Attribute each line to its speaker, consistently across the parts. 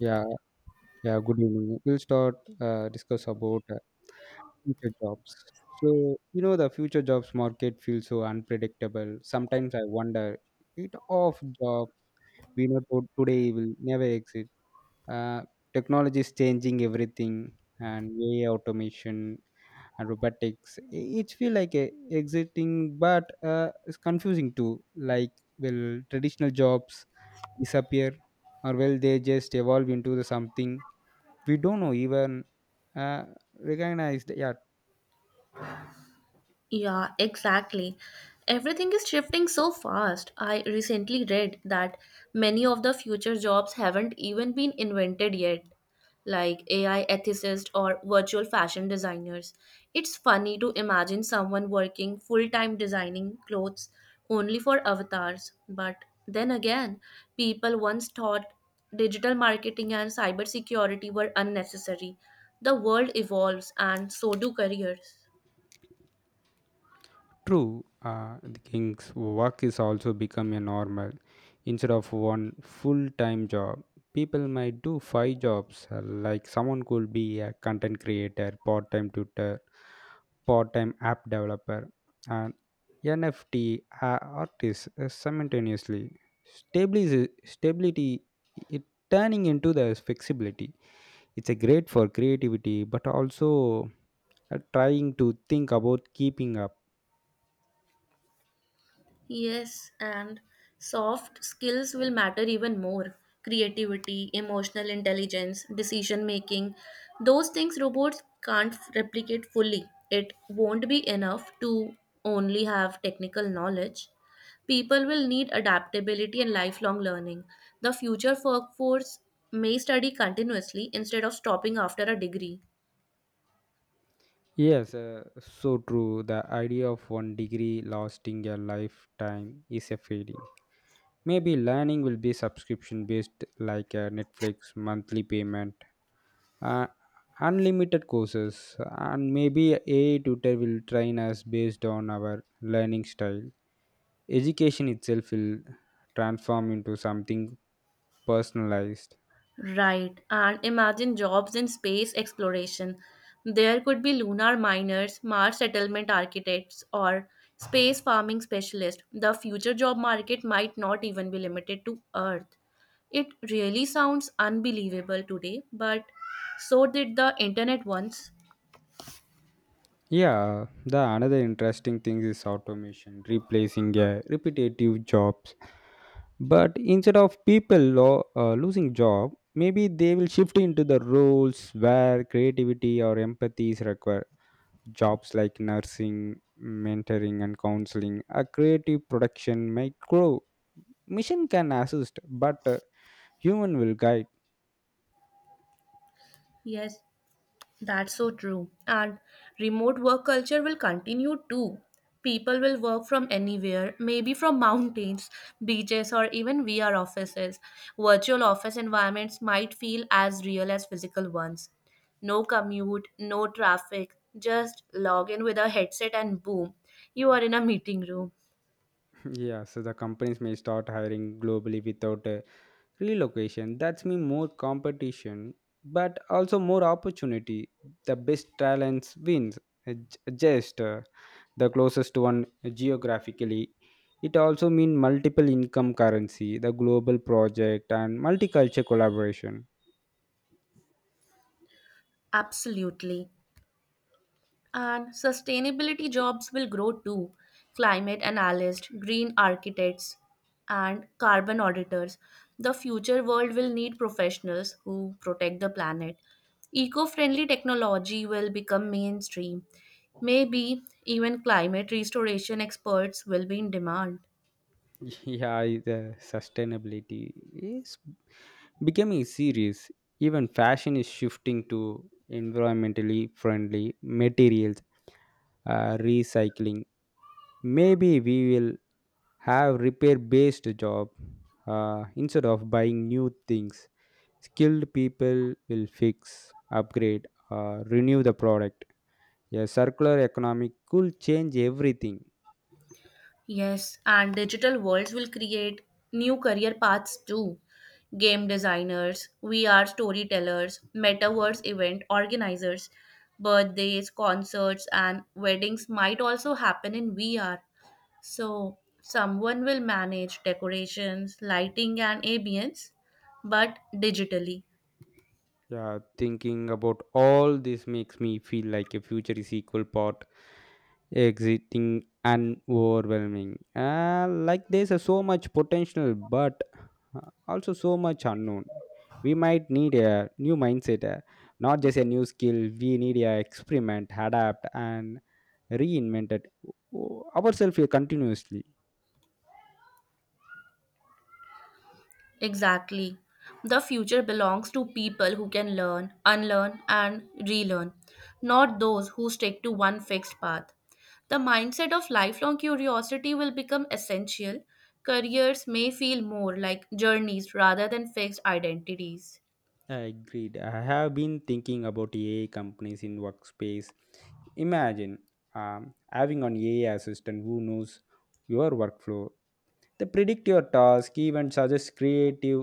Speaker 1: Yeah, yeah, good evening. We'll start discuss about future jobs. So, the future jobs market feels so unpredictable. Sometimes I wonder, it of job we know today will never exist. Uh, Technology is changing everything, and AI automation and robotics. It feel like a exiting, but it's confusing too. Like, will traditional jobs disappear, or will they just evolve into the something? We don't know even uh, recognized. Yeah,
Speaker 2: Yeah, exactly. Everything is shifting so fast. I recently read that many of the future jobs haven't even been invented yet, like AI ethicists or virtual fashion designers. It's funny to imagine someone working full time designing clothes only for avatars, but then again, people once thought digital marketing and cybersecurity were unnecessary. The world evolves, and so do careers.
Speaker 1: true. The king's work is also become a normal. Instead of one full-time job, people might do five jobs, like someone could be a content creator, part-time tutor, part-time app developer, and NFT artist, simultaneously. Stability, stability, it turning into the flexibility. It's a great for creativity but also trying to think about keeping up.
Speaker 2: Yes, and soft skills will matter even more. Creativity, emotional intelligence, decision making, those things robots can't replicate fully. It won't be enough to only have technical knowledge. People will need adaptability and lifelong learning. The future workforce may study continuously instead of stopping after a degree.
Speaker 1: Yes, so true. The idea of one degree lasting a lifetime is a fading. Maybe learning will be subscription based, like a Netflix monthly payment, uh, unlimited courses, and maybe AI tutor will train us based on our learning style. Education itself will transform into something personalized.
Speaker 2: Right, and imagine jobs in space exploration. There could be lunar miners, Mars settlement architects, or space farming specialists. The future job market might not even be limited to Earth. It really sounds unbelievable today, but so did the internet once.
Speaker 1: Yeah, the another interesting thing is automation replacing repetitive jobs. But instead of people losing job, maybe they will shift into the roles where creativity or empathy is required. Jobs like nursing, mentoring, and counseling. A creative production might grow. Mission can assist, but human will guide.
Speaker 2: Yes. That's so true. And remote work culture will continue too. People will work from anywhere, maybe from mountains, beaches, or even VR offices. Virtual office environments might feel as real as physical ones. No commute, no traffic, just log in with a headset and boom, you are in a meeting room.
Speaker 1: Yeah, so the companies may start hiring globally without relocation. That's mean more competition, but also more opportunity. The best talents wins. Just the closest one geographically. It also mean multiple income currency, the global project, and multicultural collaboration.
Speaker 2: Absolutely. And sustainability jobs will grow too. Climate analysts, green architects, and carbon auditors. The future world will need professionals who protect the planet. Eco friendly technology will become mainstream. Maybe even climate restoration experts will be in demand.
Speaker 1: Yeah, the sustainability is becoming serious. Even fashion is shifting to environmentally friendly materials, recycling. Maybe we will have repair based job instead of buying new things. Skilled people will fix, upgrade, renew the product. A circular economy could change everything.
Speaker 2: Yes, and digital worlds will create new career paths too. Game designers, VR storytellers, metaverse event organizers, birthdays, concerts, and weddings might also happen in VR. So, someone will manage decorations, lighting, and ambience, but digitally.
Speaker 1: Yeah, thinking about all this makes me feel like a future is equal part exiting and overwhelming. Like there's a so much potential but uh, also so much unknown. We might need a new mindset, not just a new skill. We need a experiment, adapt, and reinvent ourselves here continuously.
Speaker 2: Exactly. The future belongs to people who can learn, unlearn, and relearn, not those who stick to one fixed path. The mindset of lifelong curiosity will become essential. Careers may feel more like journeys rather than fixed identities.
Speaker 1: Agreed, I have been thinking about AI companies in workspace. Imagine having an AI assistant who knows your workflow. They predict your task, even suggest creative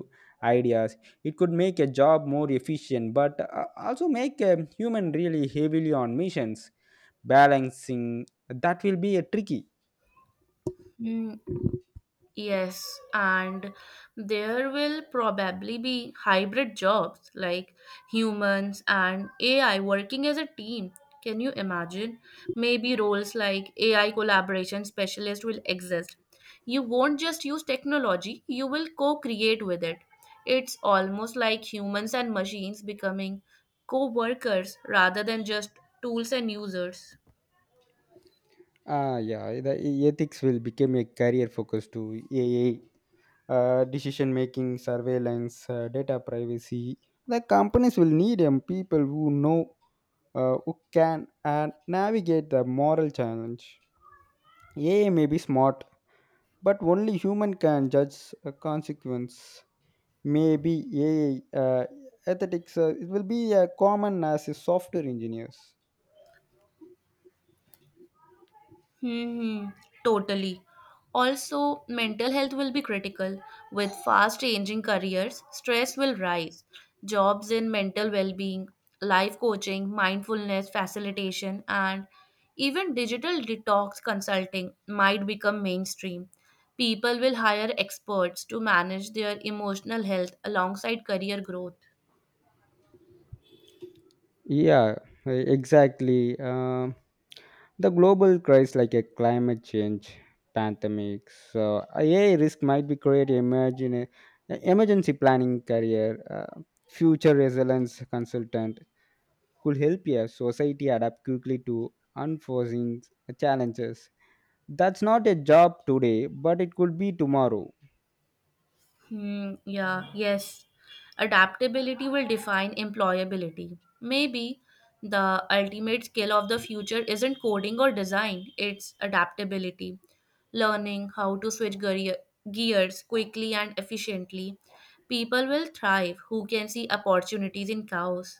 Speaker 1: ideas. It could make a job more efficient, but also make a human really heavily on missions. Balancing that will be a tricky.
Speaker 2: Hmm. Yes, and there will probably be hybrid jobs like humans and AI working as a team. Can you imagine? Maybe roles like AI collaboration specialist will exist. You won't just use technology, you will co create with it. It's almost like humans and machines becoming co workers rather than just tools and users.
Speaker 1: Ah, yeah, the ethics will become a career focus to AI, decision making, surveillance, data privacy. The companies will need people who know, who can and navigate the moral challenge. AI may be smart, but only human can judge a consequence. Maybe AI uh, ethics, it will be common as a software engineers.
Speaker 2: Hmm, totally. Also, mental health will be critical. With fast changing careers, stress will rise. Jobs in mental well being, life coaching, mindfulness facilitation, and even digital detox consulting might become mainstream. People will hire experts to manage their emotional health alongside career growth.
Speaker 1: Yeah, exactly. Um the global crisis like a climate change, pandemics, so AI risk might be create emergency planning career. uh, Future resilience consultant could help a society adapt quickly to unforeseen challenges. That's not a job today but it could be tomorrow.
Speaker 2: Hmm, yeah, yes. Adaptability will define employability. Maybe the ultimate skill of the future isn't coding or design, it's adaptability. Learning how to switch gears quickly and efficiently. People will thrive who can see opportunities in chaos.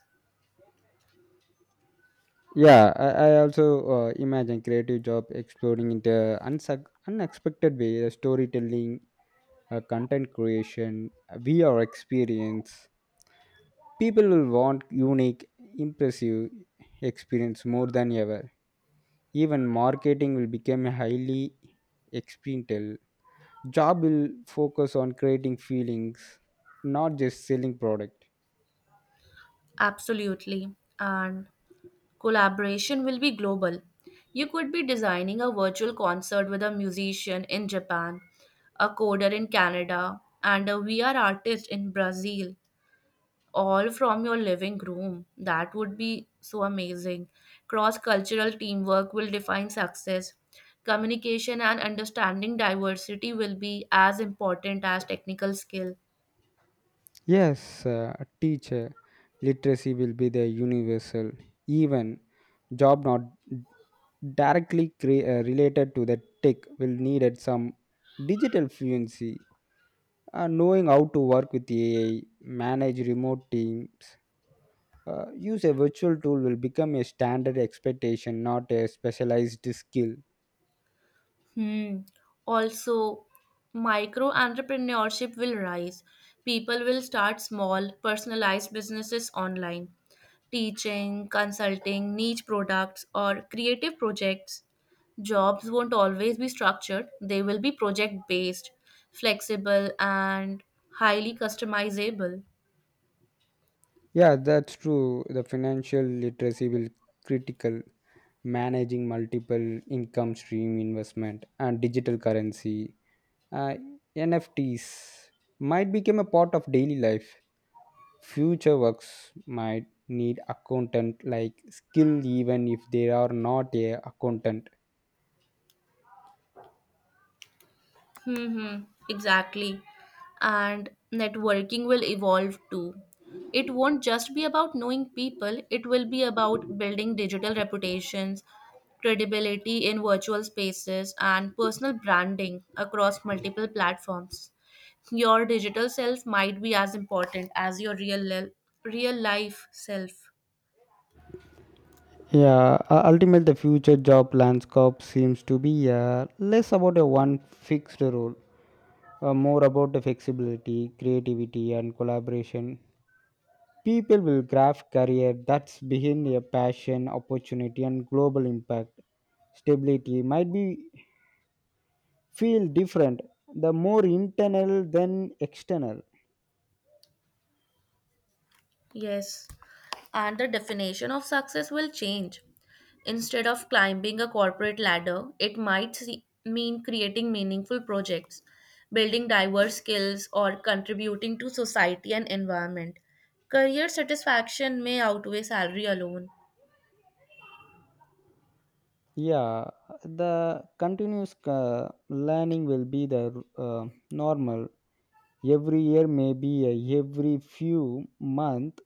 Speaker 1: Yeah, I also imagine creative job exploring into unsuc unexpected way. Storytelling, content creation, VR experience. People will want unique, impressive experience more than ever. Even marketing will become a highly experiential. Job will focus on creating feelings, not just selling product.
Speaker 2: Absolutely. And collaboration will be global. You could be designing a virtual concert with a musician in Japan, a coder in Canada, and a VR artist in Brazil, all from your living room. That would be so amazing. Cross cultural teamwork will define success. Communication and understanding diversity will be as important as technical skill.
Speaker 1: Yes, a teacher literacy will be the universal. Even job not directly related to the tech will needed some digital fluency, knowing how to work with AI, manage remote teams, use a virtual tool will become a standard expectation, not a specialized skill.
Speaker 2: Hmm. Also, micro entrepreneurship will rise. People will start small, personalized businesses online, teaching, consulting, niche products, or creative projects. Jobs won't always be structured, they will be project based, flexible, and highly customizable.
Speaker 1: Yeah, that's true. The financial literacy will critical, managing multiple income stream, investment, and digital currency. Uh, NFTs might become a part of daily life. Future works might need accountant like skill even if they are not a accountant.
Speaker 2: Mm-hmm, exactly. And networking will evolve too. It won't just be about knowing people, it will be about building digital reputations, credibility in virtual spaces, and personal branding across multiple platforms. Your digital self might be as important as your real life self.
Speaker 1: Yeah, ultimately the future job landscape seems to be less about a one fixed role, more about the flexibility, creativity, and collaboration. People will craft career that's behind their passion, opportunity, and global impact. Stability might be feel different, the more internal than external.
Speaker 2: Yes, and the definition of success will change. Instead of climbing a corporate ladder, it might mean creating meaningful projects, building diverse skills, or contributing to society and environment. Career satisfaction may outweigh salary alone.
Speaker 1: Yeah, the continuous learning will be the normal. Every year, maybe every few month,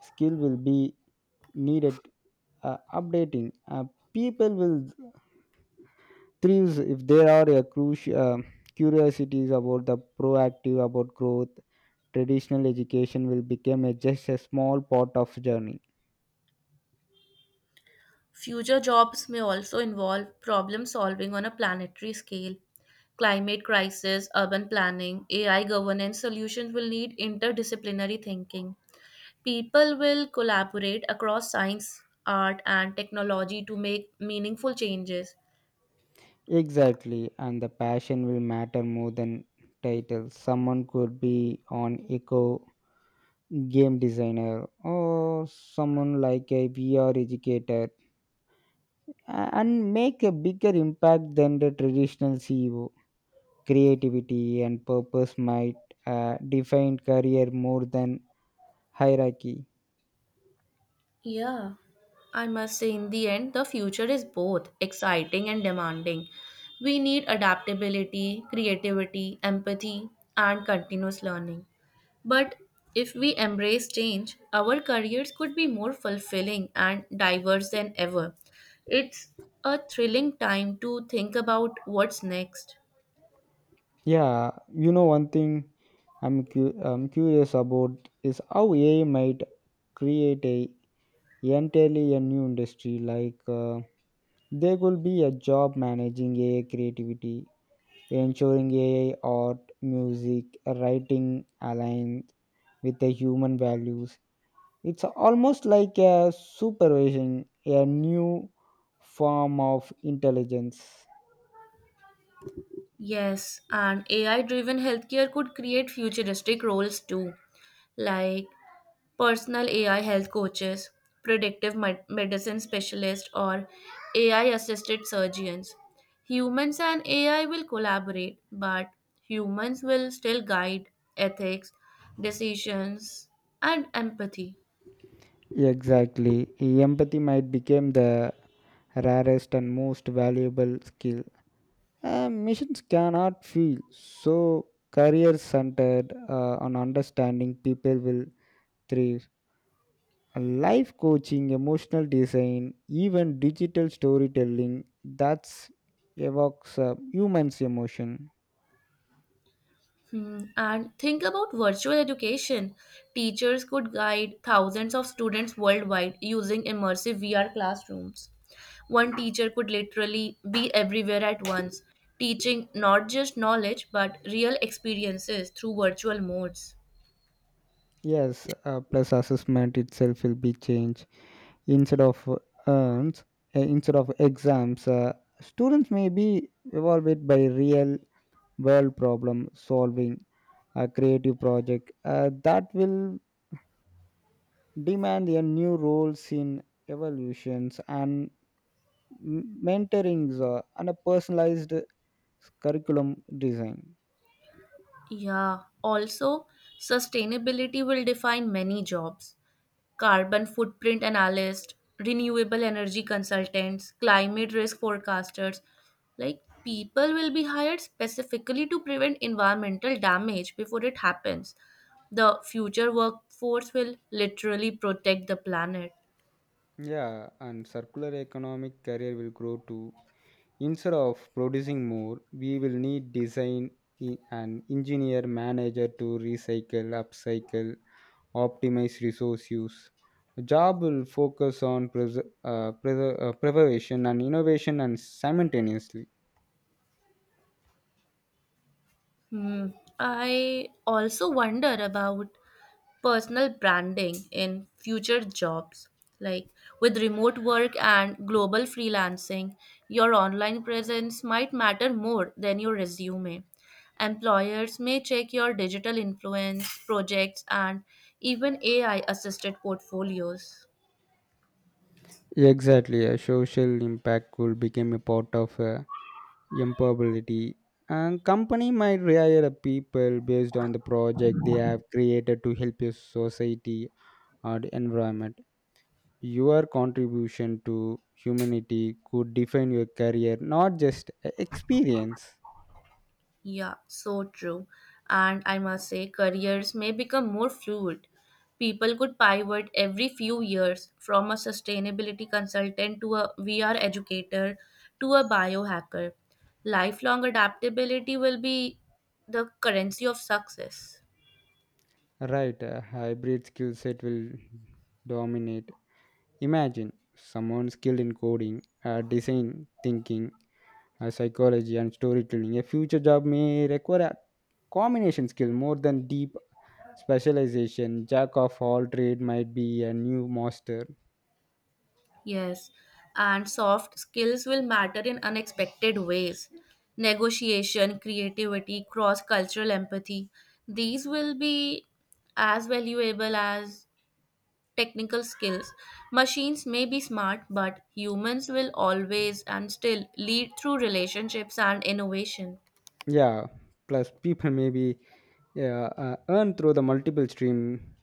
Speaker 1: skill will be needed updating. People will thrives if there are a curiosities about the proactive about growth. Traditional education will become a just a small part of journey.
Speaker 2: Future jobs may also involve problem solving on a planetary scale. Climate crisis, urban planning, AI governance solutions will need interdisciplinary thinking. People will collaborate across science, art, and technology to make meaningful changes.
Speaker 1: Exactly, and the passion will matter more than title. Someone could be on eco game designer, or someone like a VR educator, and make a bigger impact than the traditional CEO. Creativity and purpose might define career more than hierarchy.
Speaker 2: Yeah, I must say, in the end, the future is both exciting and demanding. We need adaptability, creativity, empathy, and continuous learning. But if we embrace change, our careers could be more fulfilling and diverse than ever. It's a thrilling time to think about what's next.
Speaker 1: Yeah, you know one thing I'm curious about is how AI might create a entirely a new industry. Like there will be a job managing AI creativity, ensuring AI art, music, writing aligned with the human values. It's almost like a supervision, a new form of intelligence.
Speaker 2: Yes, and AI driven healthcare could create futuristic roles too, like personal AI health coaches, predictive medicine specialists, or AI assisted surgeons. Humans and AI will collaborate, but humans will still guide ethics, decisions, and empathy.
Speaker 1: Exactly. Empathy might become the rarest and most valuable skill. Missions cannot feel so career centered on understanding people will thrive. Life coaching, emotional design, even digital storytelling that's evokes humans emotion.
Speaker 2: Hmm. And think about virtual education. Teachers could guide thousands of students worldwide using immersive VR classrooms. One teacher could literally be everywhere at once, teaching not just knowledge but real experiences through virtual modes.
Speaker 1: Yes, plus assessment itself will be changed. Instead of uh, earns, Instead of exams, students may be evaluated by real world problem solving, a creative project that will demand a new roles in evolutions and mentorings, and a personalized curriculum design.
Speaker 2: Yeah, also, sustainability will define many jobs. Carbon footprint analysts, renewable energy consultants, climate risk forecasters. Like people will be hired specifically to prevent environmental damage before it happens. The future workforce will literally protect the planet.
Speaker 1: Yeah, and circular economic career will grow to. Instead of producing more, we will need design and engineer manager to recycle, upcycle, optimize resource use. The job will focus on preservation and innovation and simultaneously.
Speaker 2: Hmm. I also wonder about personal branding in future jobs. Like with remote work and global freelancing, your online presence might matter more than your resume. Employers may check your digital influence, projects, and even AI assisted portfolios.
Speaker 1: Exactly, a social impact will become a part of employability. And company might hire a people based on the project they have created to help your society or the environment. Your contribution to humanity could define your career, not just experience.
Speaker 2: Yeah, so true. And I must say, careers may become more fluid. People could pivot every few years from a sustainability consultant to a VR educator to a biohacker. Lifelong adaptability will be the currency of success.
Speaker 1: Right, a hybrid skill set will dominate. Imagine someone skilled in coding, design thinking, psychology, and storytelling. A future job may require a combination skill more than deep specialization. Jack of all trade might be a new master.
Speaker 2: Yes, and soft skills will matter in unexpected ways. Negotiation, creativity, cross cultural empathy, these will be as valuable as technical skills. Machines may be smart, but humans will always and still lead through relationships and innovation.
Speaker 1: Yeah, plus people may be Yeah, earn through the multiple stream,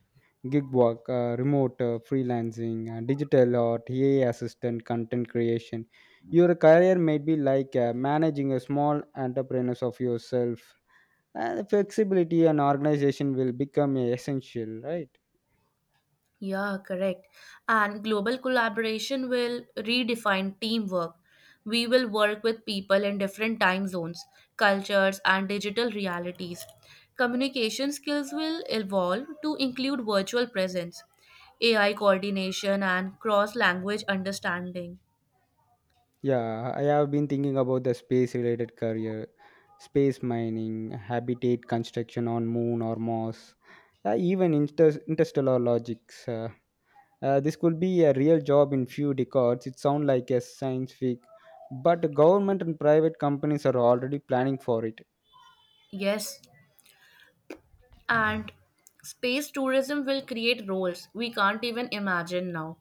Speaker 1: gig work, remote freelancing, digital or TA assistant, content creation. Your career might be like managing a small enterprise of yourself. And flexibility and organization will become essential, right?
Speaker 2: Yeah, correct. And global collaboration will redefine teamwork. We will work with people in different time zones, cultures, and digital realities. Communication skills will evolve to include virtual presence, AI coordination, and cross language understanding.
Speaker 1: Yeah, I have been thinking about the space related career, space mining, habitat construction on moon or Mars, even interstellar logics. This could be a real job in few decades. It sounds like a science fic, but government and private companies are already planning for it.
Speaker 2: Yes, and space tourism will create roles we can't even imagine now.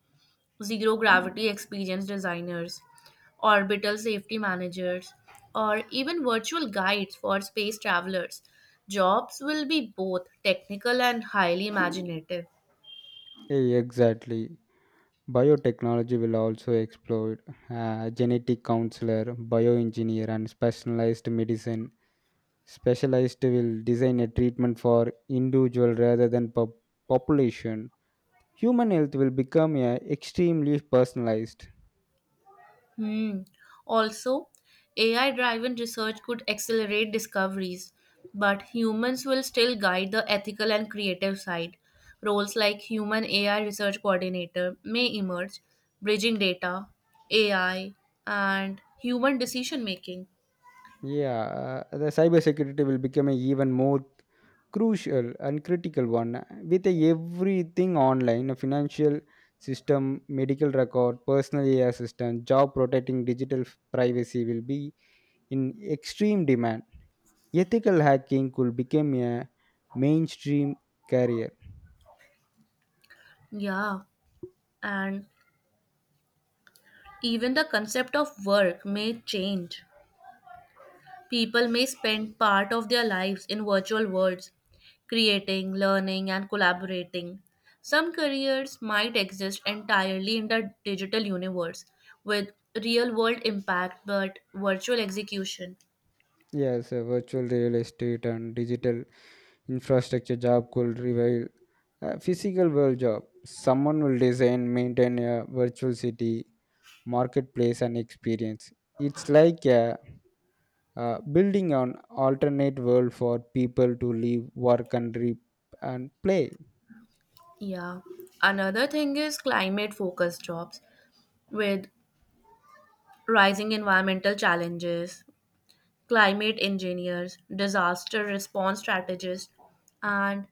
Speaker 2: Zero gravity experience designers, orbital safety managers, or even virtual guides for space travelers. Jobs will be both technical and highly imaginative.
Speaker 1: Exactly. Biotechnology will also explode, genetic counselor, bioengineer, and specialized medicine. Specialized will design a treatment for individual rather than population. Human health will become extremely personalized.
Speaker 2: Hmm. Also, AI driven research could accelerate discoveries, but humans will still guide the ethical and creative side. Roles like human AI research coordinator may emerge, bridging data, AI, and human decision making.
Speaker 1: Yeah, the cybersecurity will become a even more crucial and critical one. With everything online, a financial system, medical record, personal AI assistant, job protecting digital privacy will be in extreme demand. Ethical hacking could become a mainstream career.
Speaker 2: Yeah, and even the concept of work may change. People may spend part of their lives in virtual worlds, creating, learning, and collaborating. Some careers might exist entirely in the digital universe with real world impact but virtual execution.
Speaker 1: Yes, virtual real estate and digital infrastructure job could revive a physical world job. Someone will design, maintain a virtual city, marketplace, and experience. It's like a, building an alternate world for people to live, work, and play.
Speaker 2: Yeah. Another thing is climate focused jobs with rising environmental challenges, climate engineers, disaster response strategists, and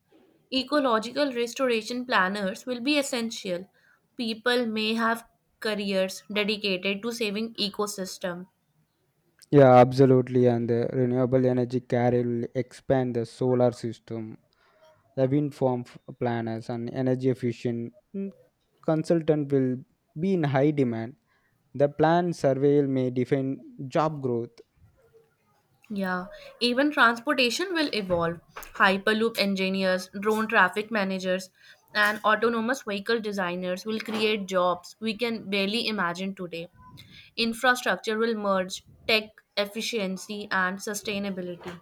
Speaker 2: ecological restoration planners will be essential. People may have careers dedicated to saving ecosystem.
Speaker 1: Yeah, absolutely. And the renewable energy carrier will expand the solar system, the wind farm planners, and energy efficient consultant will be in high demand. The planned survey may define job growth.
Speaker 2: Yeah, even transportation will evolve. Hyperloop engineers, drone traffic managers, and autonomous vehicle designers will create jobs we can barely imagine today. Infrastructure will merge tech efficiency and sustainability.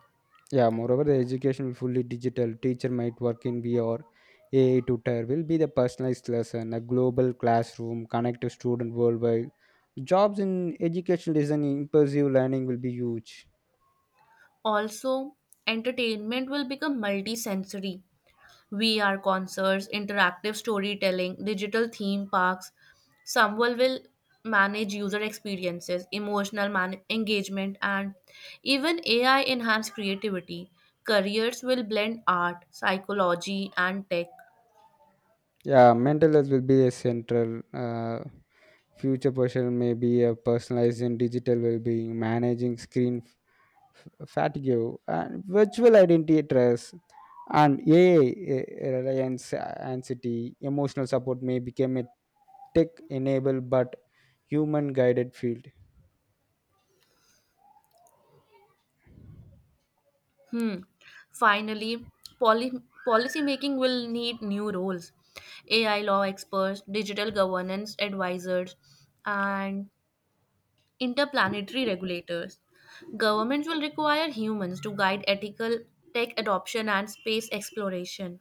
Speaker 1: Yeah, moreover, the education will fully digital. Teacher might work in VR. AI tutor will be the personalized lesson, a global classroom, connect to student worldwide. Jobs in educational design, immersive learning will be huge.
Speaker 2: Also, entertainment will become multi-sensory. VR concerts, interactive storytelling, digital theme parks. Someone will manage user experiences, emotional engagement, and even AI enhance creativity. Careers will blend art, psychology, and tech.
Speaker 1: Yeah, mental health will be a central. Future portion may be a personalizing digital well-being, managing screen fatigue, and virtual identity stress, and AI reliance, anxiety, emotional support may become a tech-enabled but human-guided field.
Speaker 2: Hmm. Finally, policy making will need new roles. AI law experts, digital governance advisors, and interplanetary regulators. Governments will require humans to guide ethical tech adoption and space exploration.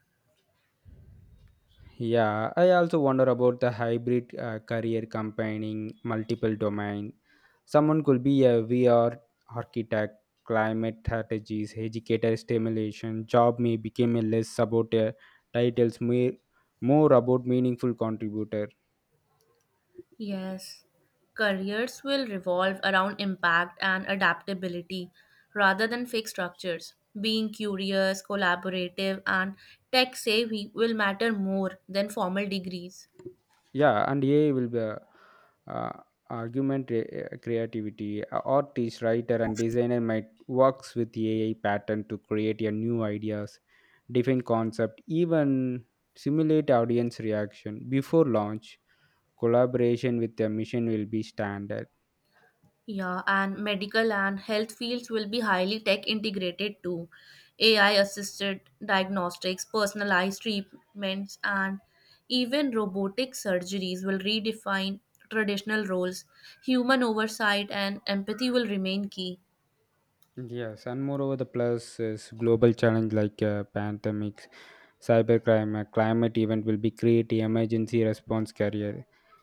Speaker 1: Yeah, I also wonder about the hybrid career combining multiple domain. Someone could be a VR architect, climate strategist, educator stimulation. Job may become a less about titles, more about meaningful contributor.
Speaker 2: Yes, careers will revolve around impact and adaptability rather than fixed structures. Being curious, collaborative, and tech savvy will matter more than formal degrees.
Speaker 1: Yeah, and AI will be uh, argument creativity. A artist, writer, and designer might works with AI pattern to create a new ideas, different concept, even simulate audience reaction before launch. Collaboration with the mission will be standard.
Speaker 2: Yeah, and medical and health fields will be highly tech integrated too. AI assisted diagnostics, personalized treatments, and even robotic surgeries will redefine traditional roles. Human oversight and empathy will remain key.
Speaker 1: Yes, and moreover the plus is global challenge like pandemic, cybercrime, a climate event will be create emergency response career.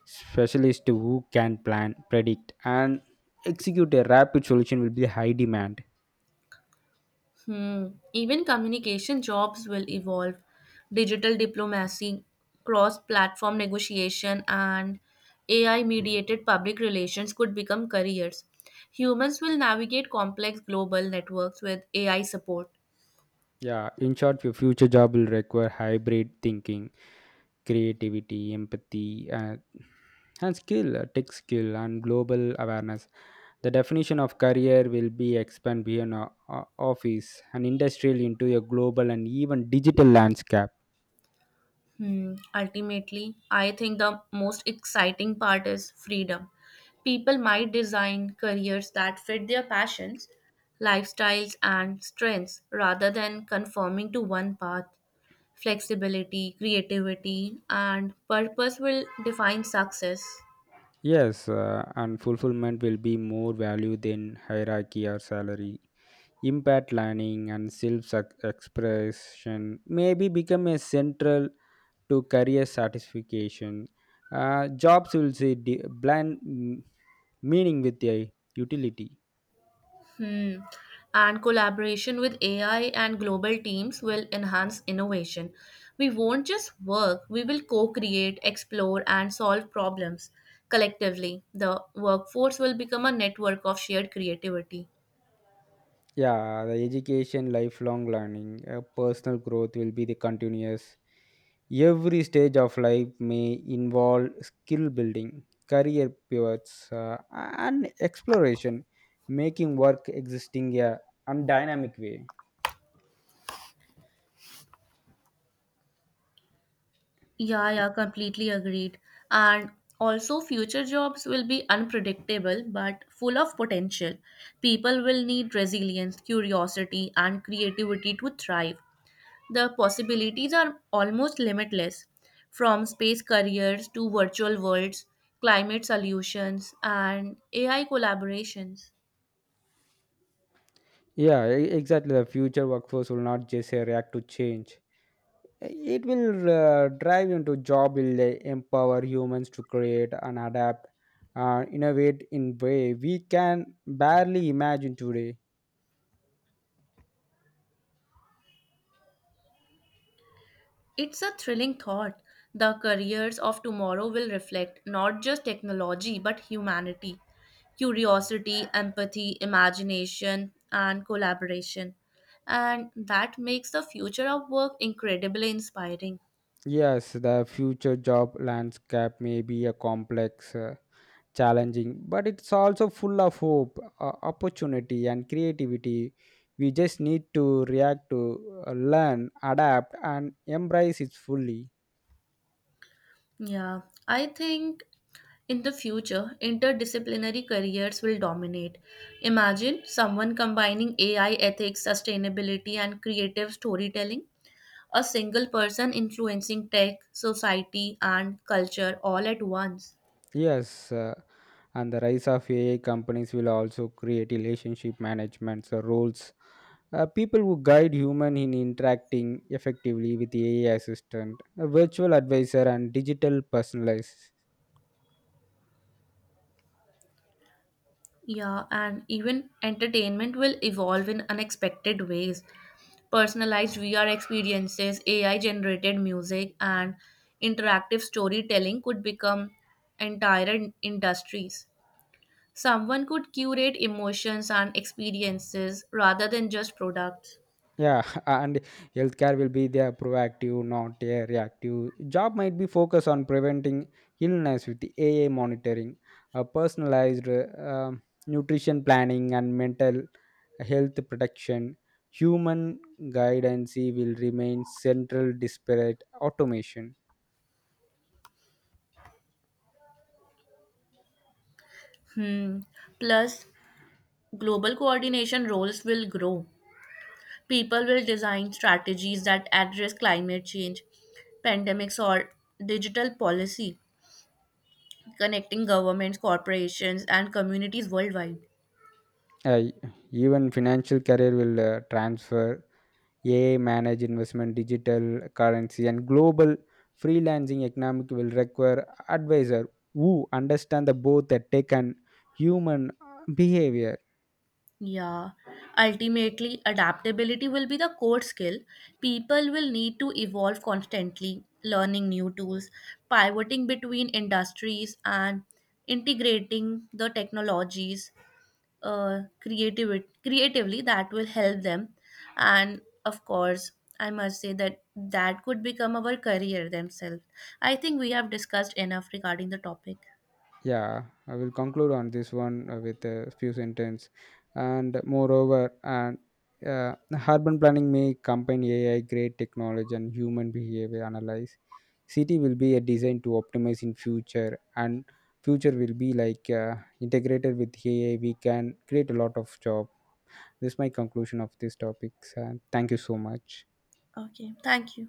Speaker 1: Specialist who can plan, predict, and execute a rapid solution will be high demand.
Speaker 2: Hmm. Even communication jobs will evolve. Digital diplomacy, cross platform negotiation, and AI mediated public relations could become careers. Humans will navigate complex global networks with AI support.
Speaker 1: Yeah, in short, your future job will require hybrid thinking, creativity, empathy, and skill, tech skill, and global awareness. The definition of career will be expand beyond office and industrial into a global and even digital landscape.
Speaker 2: Hmm. Ultimately, I think the most exciting part is freedom. People might design careers that fit their passions, lifestyles, and strengths rather than conforming to one path. Flexibility, creativity, and purpose will define success.
Speaker 1: Yes, and fulfillment will be more value than hierarchy or salary. Impact, learning, and self expression maybe become a central to career satisfaction. Jobs will see blend meaning with a utility.
Speaker 2: Hmm. And collaboration with AI and global teams will enhance innovation. We won't just work, we will co create, explore, and solve problems collectively. The workforce will become a network of shared creativity.
Speaker 1: Yeah, the education, lifelong learning, personal growth will be the continuous. Every stage of life may involve skill building, career pivots, and exploration, making work existing a and dynamic way.
Speaker 2: Yeah, yeah, completely agreed. And also, future jobs will be unpredictable but full of potential. People will need resilience, curiosity, and creativity to thrive. The possibilities are almost limitless from space careers to virtual worlds, climate solutions, and AI collaborations.
Speaker 1: Yeah, exactly, the future workforce will not just react to change. It will drive into job. Will empower humans to create and adapt, innovate in way we can barely imagine today.
Speaker 2: It's a thrilling thought. The careers of tomorrow will reflect not just technology but humanity, curiosity, empathy, imagination, and collaboration. And that makes the future of work incredibly inspiring.
Speaker 1: Yes, the future job landscape may be a complex, challenging, but it's also full of hope, opportunity, and creativity. We just need to react to, learn, adapt, and embrace it fully.
Speaker 2: Yeah, I think in the future, interdisciplinary careers will dominate. Imagine someone combining AI ethics, sustainability, and creative storytelling a single person influencing tech, society, and culture all at once.
Speaker 1: Yes, and the rise of AI companies will also create relationship management roles. People who guide human in interacting effectively with the AI assistant, a virtual advisor, and digital personalized.
Speaker 2: Yeah, and even entertainment will evolve in unexpected ways. Personalized VR experiences, AI generated music, and interactive storytelling could become entire industries. Someone could curate emotions and experiences rather than just products.
Speaker 1: Yeah, and healthcare will be there proactive, not a reactive. Job might be focused on preventing illness with the AA monitoring, personalized nutrition planning, and mental health protection. Human guidance will remain central, disparate automation.
Speaker 2: Hmm. Plus, global coordination roles will grow. People will design strategies that address climate change, pandemics, or digital policy, connecting governments, corporations, and communities worldwide.
Speaker 1: Uh, Even financial career will transfer AI managed investment, digital currency, and global freelancing economic will require advisor who understand the both the tech and human behavior.
Speaker 2: Yeah, ultimately, adaptability will be the core skill. People will need to evolve constantly, learning new tools, pivoting between industries, and integrating the technologies creatively that will help them. And of course, I must say that that could become our career themselves. I think we have discussed enough regarding the topic.
Speaker 1: Yeah, I will conclude on this one with a few sentence. And moreover, and uh, Urban planning may combine AI, great technology, and human behavior analyze. City will be a design to optimize in future, and future will be like integrated with AI. We can create a lot of job. This is my conclusion of this topic, and thank you so much.
Speaker 2: Okay, thank you.